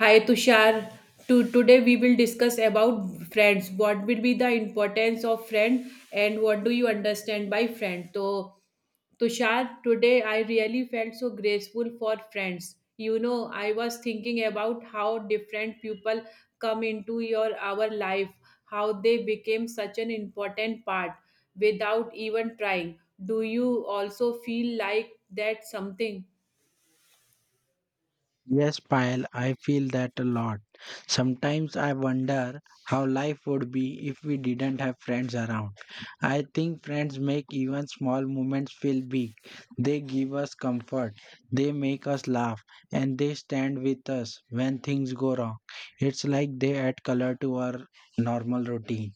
Hi Tushar. Today we will discuss about friends. What will be the importance of friend and what do you understand by friend? So Tushar, today I really felt so grateful for friends. You know, I was thinking about how different people come into your our life, how they became such an important part without even trying. Do you also feel like that something? Yes, Payal, I feel that a lot. Sometimes I wonder how life would be if we didn't have friends around. I think friends make even small moments feel big. They give us comfort, they make us laugh, and they stand with us when things go wrong. It's like they add color to our normal routine.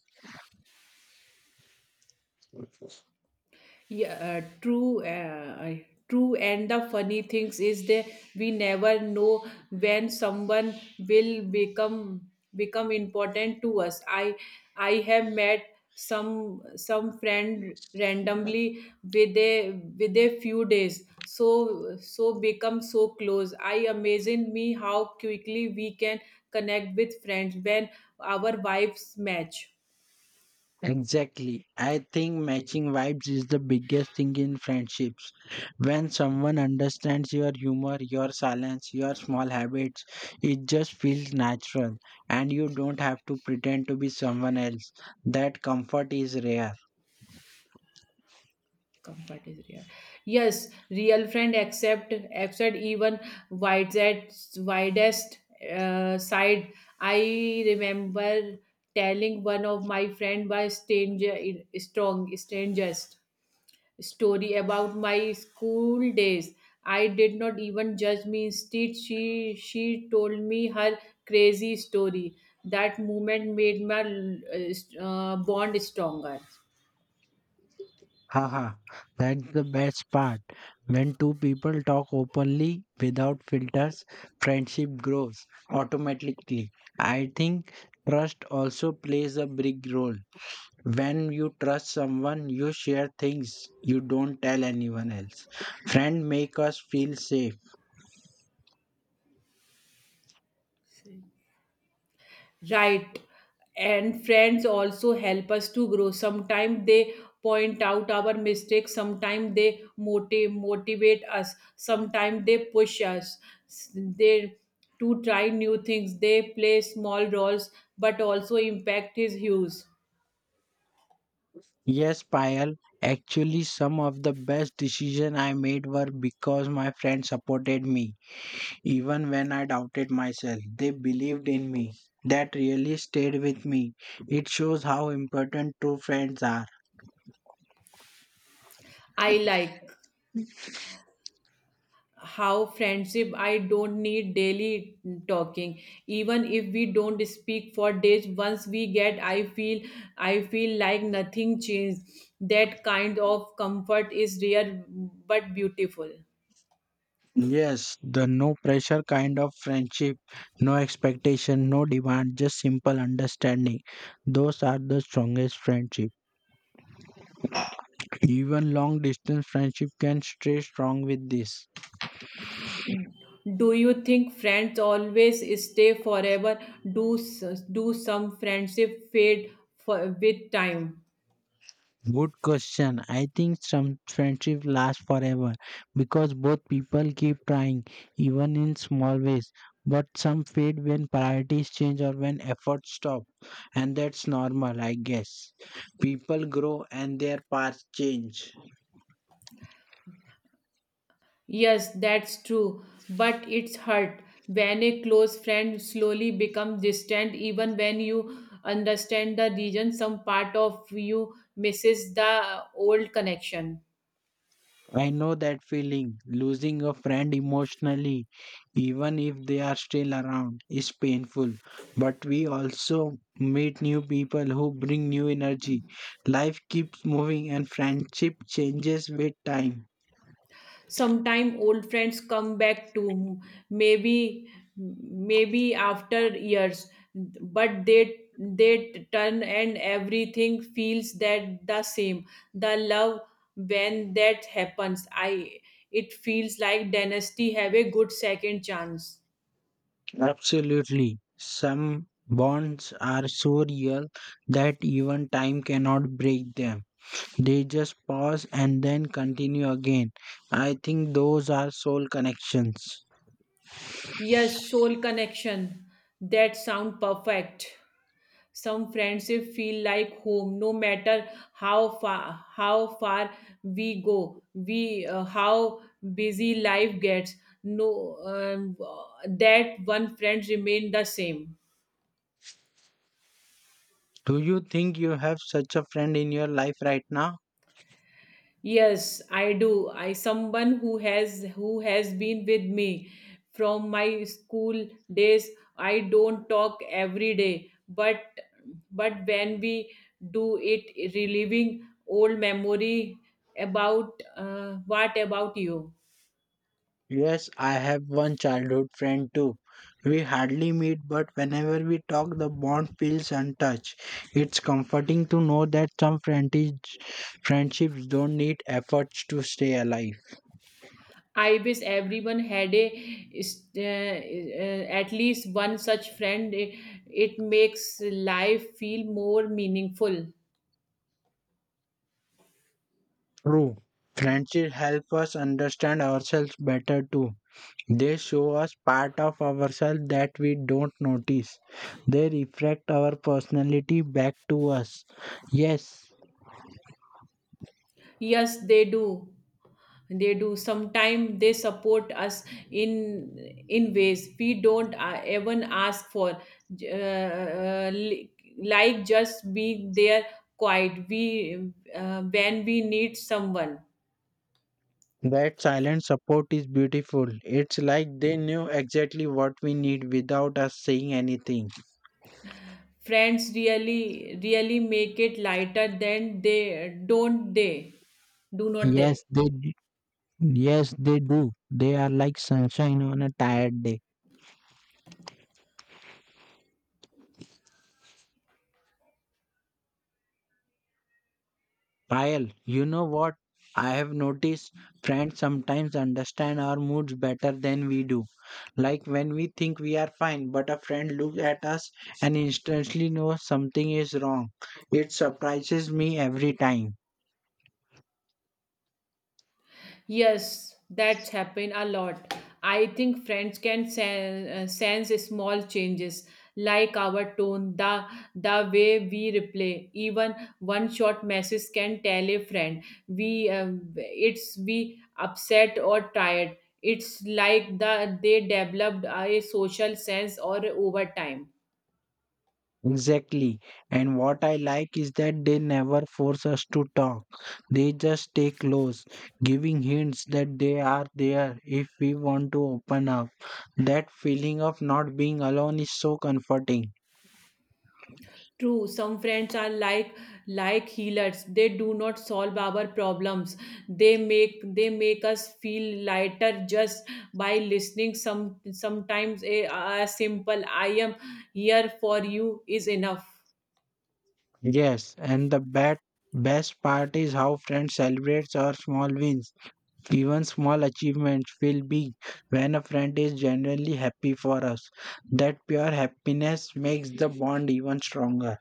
Yeah, true. True. And the funny things is that we never know when someone will become important to us. I have met some friend randomly with a few days so become so close. I amazing me how quickly we can connect with friends when our vibes match. Exactly. I think matching vibes is the biggest thing in friendships. When someone understands your humor, your silence, your small habits, it just feels natural and you don't have to pretend to be someone else. That comfort is rare. Comfort is real. Yes, real friend accept even widest side. I remember telling one of my friend by stranger strong strangest story about my school days. I did not even judge me. Instead, she told me her crazy story. That moment made my bond stronger. Haha, that's the best part. When two people talk openly without filters, friendship grows automatically. I think trust also plays a big role. When you trust someone, you share things you don't tell anyone else. Friend make us feel safe. Right. And friends also help us to grow. Sometimes they point out our mistakes, sometimes they motivate us, sometimes they push us. They to try new things. They play small roles but also impact his hues. Yes, Payal, actually some of the best decision I made were because my friends supported me even when I doubted myself. They believed in me. That really stayed with me. It shows how important true friends are. I like how friendship I don't need daily talking. Even if we don't speak for days, once we get, I feel like nothing changed. That kind of comfort is rare but beautiful. Yes, the no pressure kind of friendship, no expectation, no demand, just simple understanding. Those are the strongest friendship. Even long distance friendship can stay strong with this. Do you think friends always stay forever? Do some friendship fade with time? Good question. I think some friendship lasts forever because both people keep trying, even in small ways. But some fade when priorities change or when efforts stop, and that's normal, I guess. People grow and their paths change. Yes, that's true, but it's hurt when a close friend slowly becomes distant, even when you understand the reason some part of you misses the old connection. I know that feeling. Losing a friend emotionally, even if they are still around, is painful. But we also meet new people who bring new energy. Life keeps moving and friendship changes with time. Sometime old friends come back to, maybe maybe after years, but they turn and everything feels that the same, the love. When that happens, I it feels like dynasty have a good second chance. Absolutely. Some bonds are so real that even time cannot break them. They just pause and then continue again. I think those are soul connections. Yes, soul connection. That sound perfect. Some friendship feel like home, no matter how far we go, we how busy life gets. No, that one friend remain the same. Do you think you have such a friend in your life right now? Yes, I do. I someone who has been with me from my school days. I don't talk every day, but when we do it, reliving old memory about what about you? Yes, I have one childhood friend too. We hardly meet, but whenever we talk, the bond feels untouched. It's comforting to know that some friendships don't need efforts to stay alive. I wish everyone had at least one such friend. It makes life feel more meaningful. True. Friendships help us understand ourselves better too. They show us part of ourselves that we don't notice. They reflect our personality back to us. Yes. Yes, they do. They do. Sometimes they support us in ways we don't even ask for. J- Uh, uh, li- like just being there quiet. We When we need someone. That silent support is beautiful. It's like they knew exactly what we need without us saying anything. Friends really make it lighter than they do not they. Yes, they d- yes, they do. They are like sunshine on a tired day. Payal, you know what? I have noticed friends sometimes understand our moods better than we do. Like when we think we are fine, but a friend looks at us and instantly knows something is wrong. It surprises me every time. Yes, that's happened a lot. I think friends can sense small changes like our tone, the way we reply. Even one short message can tell a friend we uh, we upset or tired. It's like they developed a social sense or over time. Exactly. And what I like is that they never force us to talk. They just stay close, giving hints that they are there if we want to open up. That feeling of not being alone is so comforting. True, some friends are like healers. They do not solve our problems. They make us feel lighter just by listening. Sometimes a simple "I am here for you" is enough. Yes, and the best part is how friends celebrate our small wins. Even small achievements feel big when a friend is genuinely happy for us. That pure happiness makes the bond even stronger.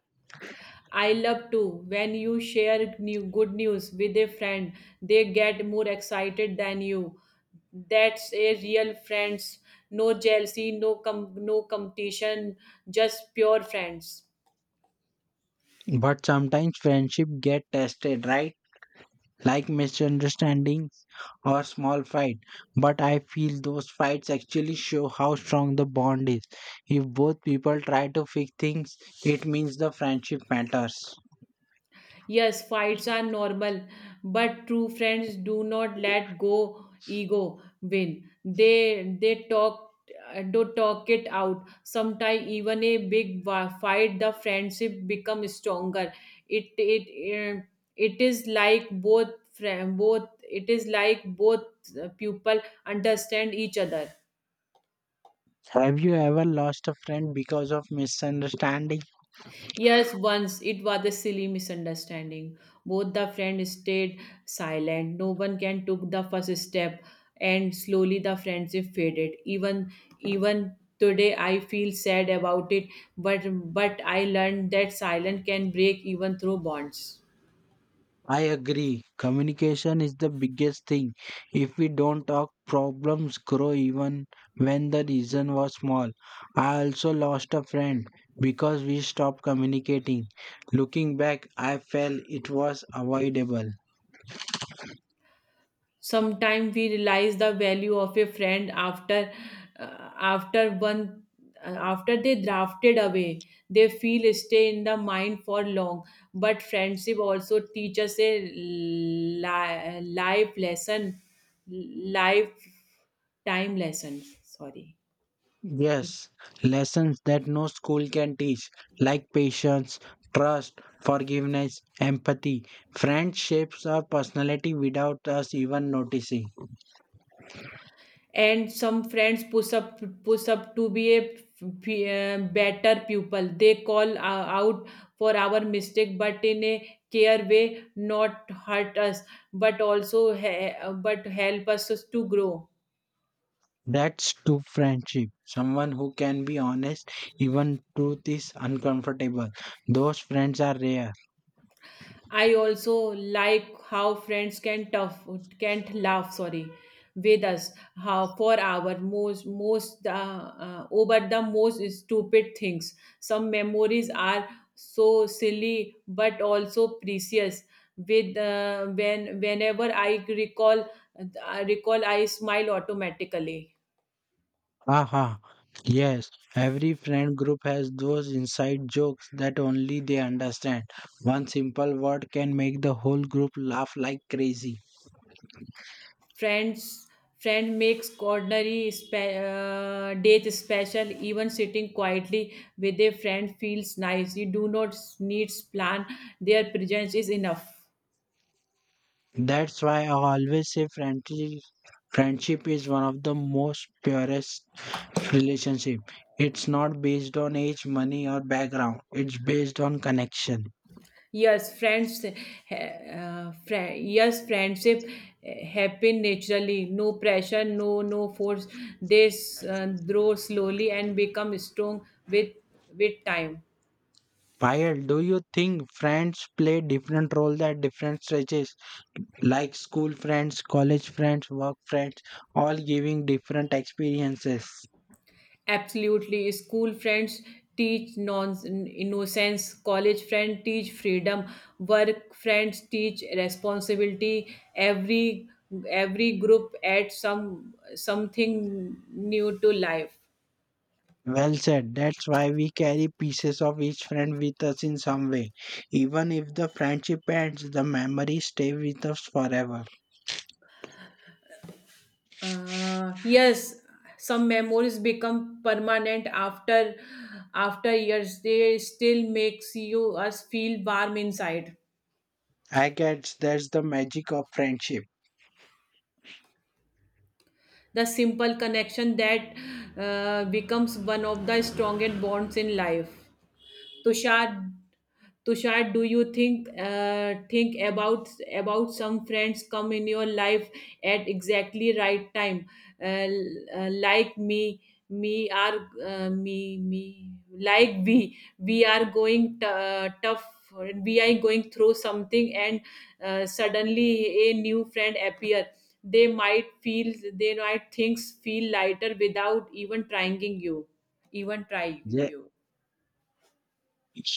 I love too when you share new good news with a friend. They get more excited than you. That's a real friends. No jealousy, no competition, just pure friends. But sometimes friendship get tested, right? Like misunderstandings or small fight. But I feel those fights actually show how strong the bond is. If both people try to fix things, it means the friendship matters. Yes, fights are normal, but true friends do not let go ego win. They talk do talk it out. Sometimes even a big fight, the friendship become stronger. It it uh, it is like both friend both it is like both people understand each other. Have you ever lost a friend because of misunderstanding? Yes, once it was a silly misunderstanding. Both the friends stayed silent. No one can took the first step, and slowly the friendship faded. Even today, I feel sad about it. But I learned that silence can break even through bonds. I agree. Communication is the biggest thing. If we don't talk, problems grow even when the reason was small. I also lost a friend because we stopped communicating. Looking back, I felt it was avoidable. Sometimes we realize the value of a friend uh, after one after they drafted away. They feel stay in the mind for long, but friendship also teaches a life time lesson. Sorry. Yes, lessons that no school can teach, like patience, trust, forgiveness, empathy. Friendships or personality without us even noticing. And some friends push up to be a better pupil. They call out for our mistake, but in a care way, not hurt us, but also but help us to grow. That's true friendship. Someone who can be honest, even truth is uncomfortable. Those friends are rare. I also like how friends can't laugh sorry with us, how for our most over the most stupid things. Some memories are so silly but also precious. With when whenever I recall I smile automatically. Haha. Yes, every friend group has those inside jokes that only they understand. One simple word can make the whole group laugh like crazy. Friends, friend makes ordinary days special. Even sitting quietly with a friend feels nice. You do not need plan. Their presence is enough. That's why I always say friendship is one of the most purest relationship. It's not based on age, money or background. It's based on connection. Yes, friendship happen naturally. No pressure, no force. They grow slowly and become strong with time. While do you think friends play different roles at different stages, like school friends, college friends, work friends, all giving different experiences? Absolutely. School friends teach non innocence, college friends teach freedom, work friends teach responsibility. Every group adds something new to life. Well said. That's why we carry pieces of each friend with us in some way. Even if the friendship ends, the memories stay with us forever. Yes, some memories become permanent after years. They still makes you us feel warm inside. I guess that's the magic of friendship. The simple connection that becomes one of the strongest bonds in life. Tushar, do you think about some friends come in your life at exactly right time, uh, like me, me are me me like we are going tough. We are going through something, and suddenly a new friend appear. They might feel they might Things feel lighter without even trying you, even trying Ye- you.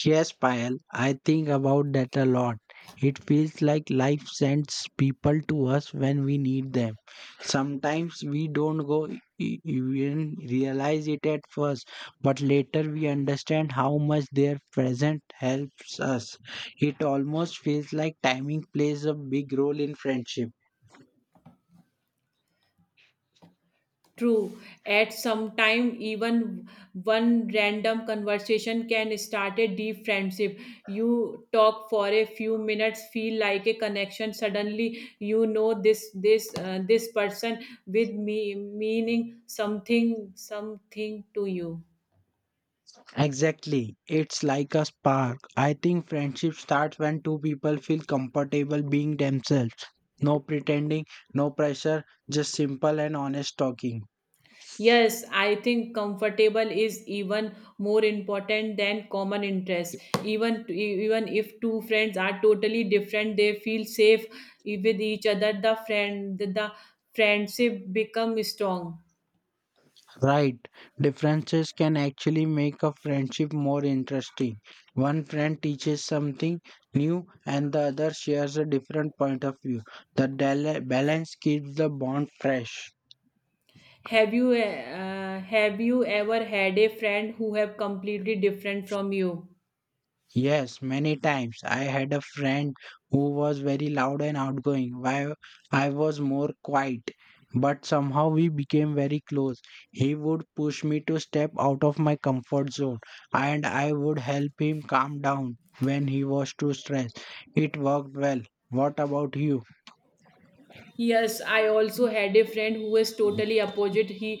Yes, Payal, I think about that a lot. It feels like life sends people to us when we need them. Sometimes we don't even realize it at first, but later we understand how much their presence helps us. It almost feels like timing plays a big role in friendship. True. At some time, even one random conversation can start a deep friendship. You talk for a few minutes, feel like a connection. Suddenly, you know this person with me meaning something to you. Exactly. It's like a spark. I think friendship starts when two people feel comfortable being themselves. No pretending, no pressure, just simple and honest talking. Yes, I think comfortable is even more important than common interest. Even if two friends are totally different, they feel safe with each other. The friendship become strong. Right. Differences can actually make a friendship more interesting. One friend teaches something new and the other shares a different point of view. The balance keeps the bond fresh. Have you ever had a friend who have completely different from you? Yes, many times. I had a friend who was very loud and outgoing, while I was more quiet. But somehow we became very close. He would push me to step out of my comfort zone, and I would help him calm down when he was too stressed. It worked well. What about you? Yes, I also had a friend who was totally opposite.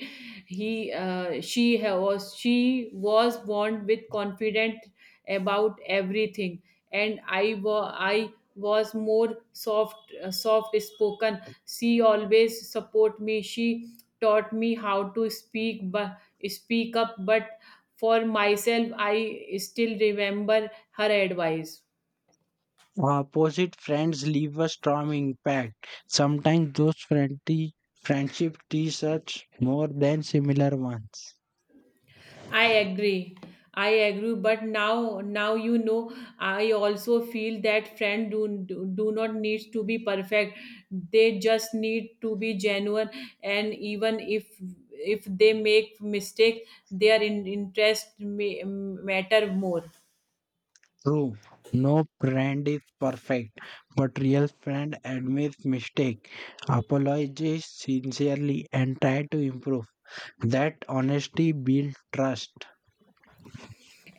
He, she ha- was She was born with confident about everything, and I was more soft, soft spoken. She always support me. She taught me how to speak up. But for myself, I still remember her advice. Opposite friends leave a strong impact. Sometimes those friendly friendship teach us more than similar ones. I agree. I agree, but now you know I also feel that friends do not need to be perfect. They just need to be genuine, and even if they make mistakes, their interest matter more. True, no brand is perfect, but real friend admits mistake, apologizes sincerely, and try to improve. That honesty builds trust.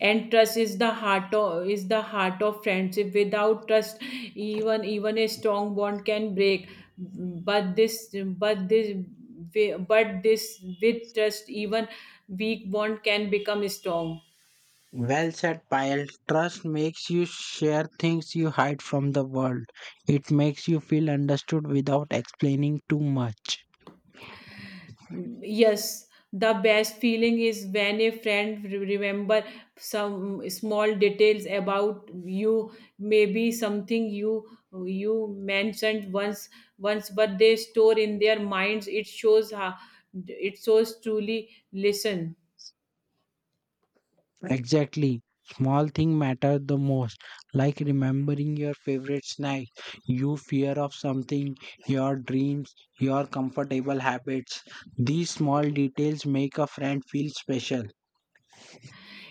And trust is the heart of is the heart of friendship. Without trust, even a strong bond can break, but this but this but this with trust even weak bond can become strong. Well said, Payal. Trust makes you share things you hide from the world. It makes you feel understood without explaining too much. Yes, the best feeling is when a friend remember some small details about you, maybe something you mentioned once, but they store in their minds. It shows how it shows truly listen. Exactly. Small thing matter the most, like remembering your favorite snack, you fear of something, your dreams, your comfortable habits. These small details make a friend feel special.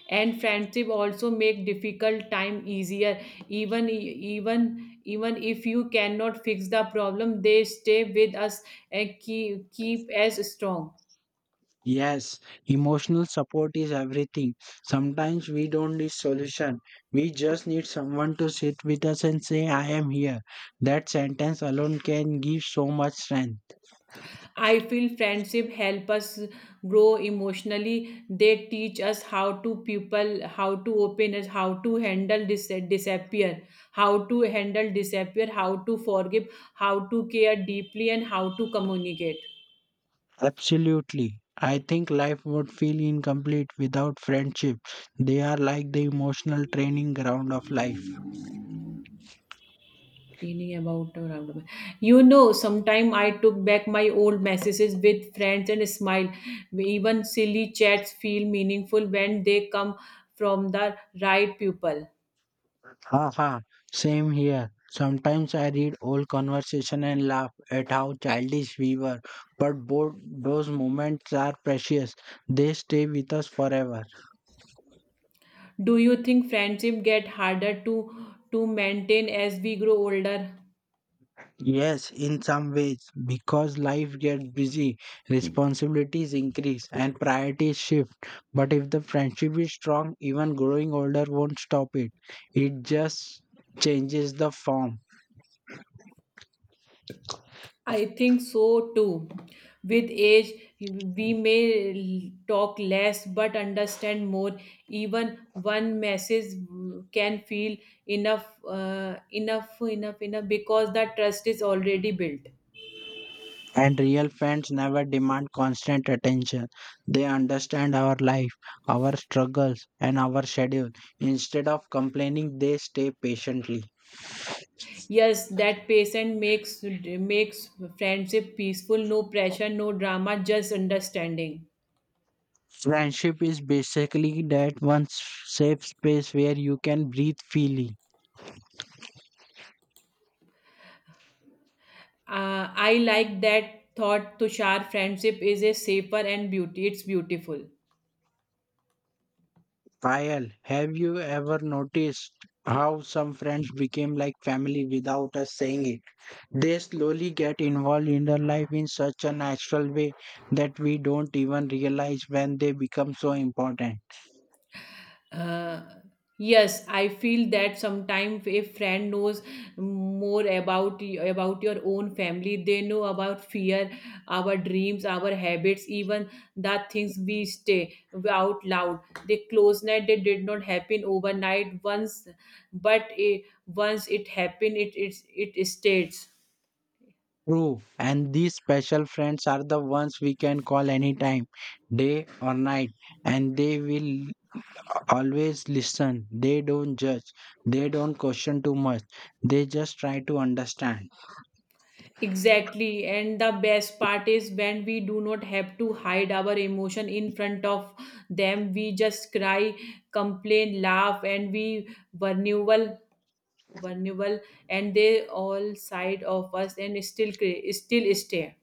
And friendship also make difficult time easier. Even if you cannot fix the problem, they stay with us and keep as strong. Yes, emotional support is everything. Sometimes we don't need solution. We just need someone to sit with us and say I am here. That sentence alone can give so much strength. I feel friendship help us grow emotionally. They teach us how to people, how to open us, how to handle disappear, how to forgive, how to care deeply, and how to communicate. Absolutely. I think life would feel incomplete without friendship. They are like the emotional training ground of life. Cleaning about around. You know, sometime I took back my old messages with friends and smile. Even silly chats feel meaningful when they come from the right people. Haha, same here. Sometimes I read old conversation and laugh at how childish we were, but both those moments are precious. They stay with us forever. Do you think friendship get harder to maintain as we grow older? Yes, in some ways, because life gets busy, responsibilities increase and priorities shift. But if the friendship is strong, even growing older won't stop it. It just changes the form. I think so too. With age, we may talk less but understand more. Even one message can feel enough because that trust is already built. And real friends never demand constant attention. They understand our life, our struggles, and our schedule. Instead of complaining, they stay patiently. Yes, that patient makes friendship peaceful. No pressure, no drama, just understanding. Friendship is basically that safe space where you can breathe freely. I like that thought, Tushar. Friendship is a safer and beauty. It's beautiful. Payal, have you ever noticed how some friends became like family without us saying it? They slowly get involved in our life in such a natural way that we don't even realize when they become so important. Uh, yes, I feel that sometimes a friend knows more about your own family. They know about fear, our dreams, our habits, even the things we stay out loud. The closeness they did not happen overnight once, but once it happened, it stays. True, and these special friends are the ones we can call anytime, day or night, and they will always listen. They don't judge, they don't question too much, they just try to understand. Exactly. And the best part is when we do not have to hide our emotion in front of them. We just cry, complain, laugh, and we vulnerable, and they all side of us and still stay.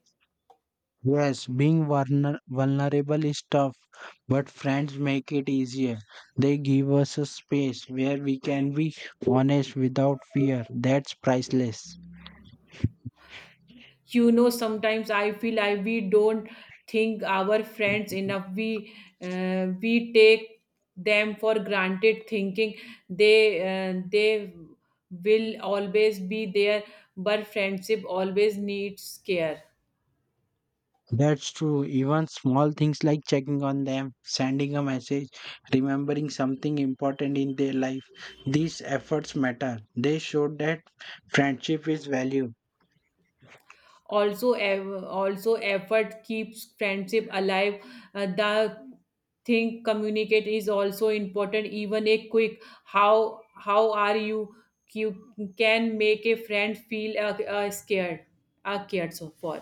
Yes, being vulnerable is tough, but friends make it easier. They give us a space where we can be honest without fear. That's priceless. You know, sometimes I feel I we don't think our friends enough. We take them for granted, thinking they will always be there, but friendship always needs care. That's true. Even small things like checking on them, sending a message, remembering something important in their life. These efforts matter. They show that friendship is valued. Also effort keeps friendship alive. The thing communicate is also important. Even a quick how are you can make a friend feel scared cared so for.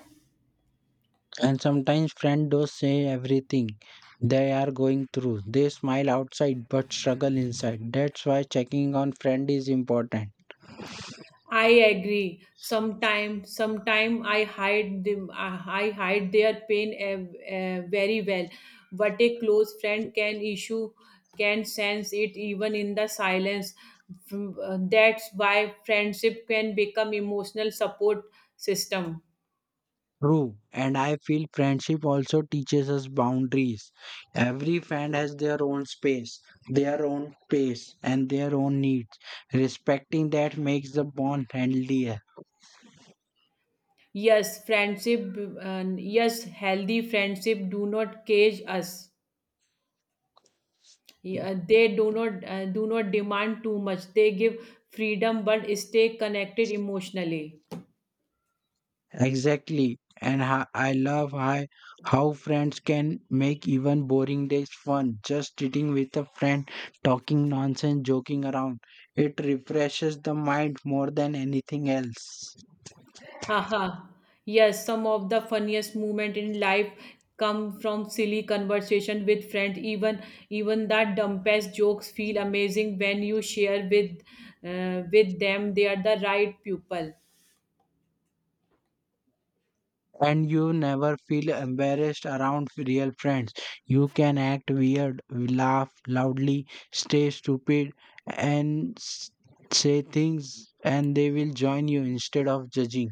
And sometimes friends do say everything they are going through. They smile outside but struggle inside. That's why checking on friend is important. I agree. Sometime I hide them. I hide their pain very well. But a close friend can issue can sense it even in the silence. That's why friendship can become emotional support system. True. And I feel friendship also teaches us boundaries. Every friend has their own space, their own pace, and their own needs. Respecting that makes the bond healthier. Yes, healthy friendship do not cage us. Yeah, they do not demand too much. They give freedom, but stay connected emotionally. Exactly. And how friends can make even boring days fun. Just sitting with a friend, talking nonsense, joking around. It refreshes the mind more than anything else. Haha. Yes, some of the funniest moment in life come from silly conversation with friends. Even that dumbest jokes feel amazing when you share with them. They are the right people. And you never feel embarrassed around real friends. You can act weird, laugh loudly, stay stupid, and s- say things, and they will join you instead of judging.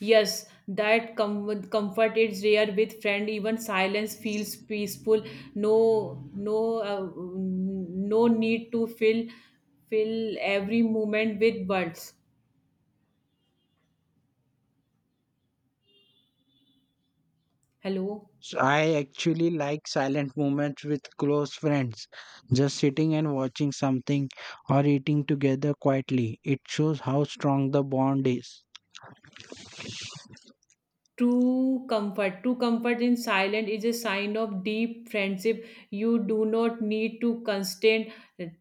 Yes, that comfort is rare with friend. Even silence feels peaceful. No, no, uh, no need to fill every moment with words. Hello. So I actually like silent moments with close friends, just sitting and watching something or eating together quietly. It shows how strong the bond is. True comfort. True comfort in silence is a sign of deep friendship. You do not need to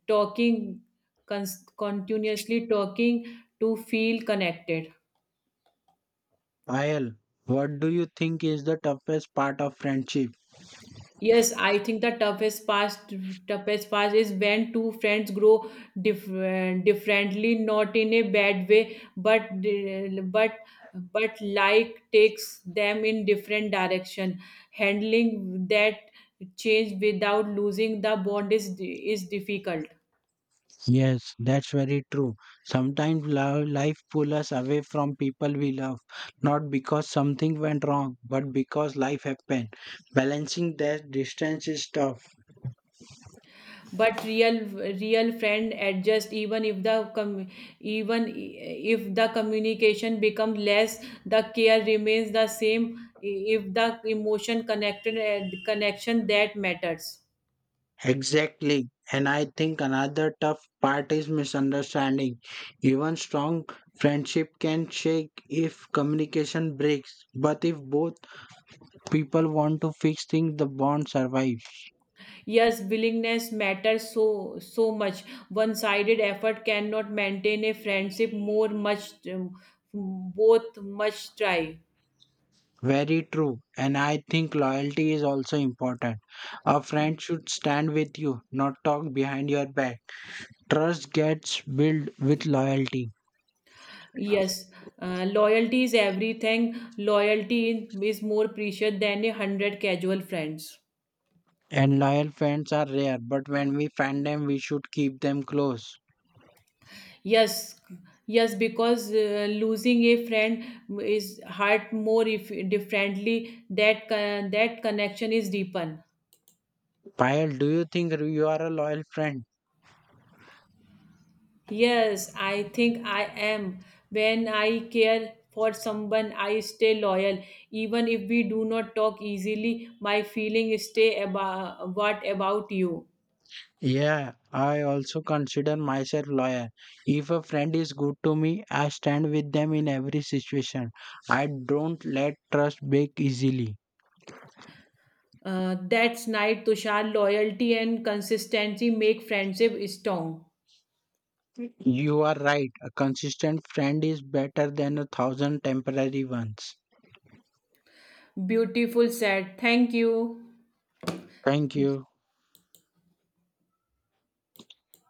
talking, continuously talking to feel connected. Ayel, what do you think is the toughest part of friendship? Yes, I think the toughest part is when two friends grow differently, not in a bad way, but like takes them in different direction. Handling that change without losing the bond is difficult. Yes, that's very true. Sometimes life pulls us away from people we love, not because something went wrong, but because life happened. Balancing that distance is tough. But real friend adjust even if the communication becomes less, the care remains the same. If the emotion connected connection, that matters. Exactly. And I think another tough part is misunderstanding. Even strong friendship can shake if communication breaks. But if both people want to fix things, the bond survives. Yes, willingness matters so much. One sided effort cannot maintain a friendship more much both much try. Very true. And I think loyalty is also important. A friend should stand with you, not talk behind your back. Trust gets built with loyalty. Yes, loyalty is everything. Loyalty is more precious than 100 casual friends. And loyal friends are rare, but when we find them, we should keep them close. Yes, yes, because losing a friend is hurt more if differently. That connection is deepened. Payal, do you think you are a loyal friend? Yes, I think I am. When I care for someone, I stay loyal. Even if we do not talk easily, my feeling stay about, what about you? Yeah, I also consider myself loyal. If a friend is good to me, I stand with them in every situation. I don't let trust break easily. That's night, Tushar. Loyalty and consistency make friendship strong. You are right. A consistent friend is better than a thousand temporary ones. Beautiful said. Thank you. Thank you.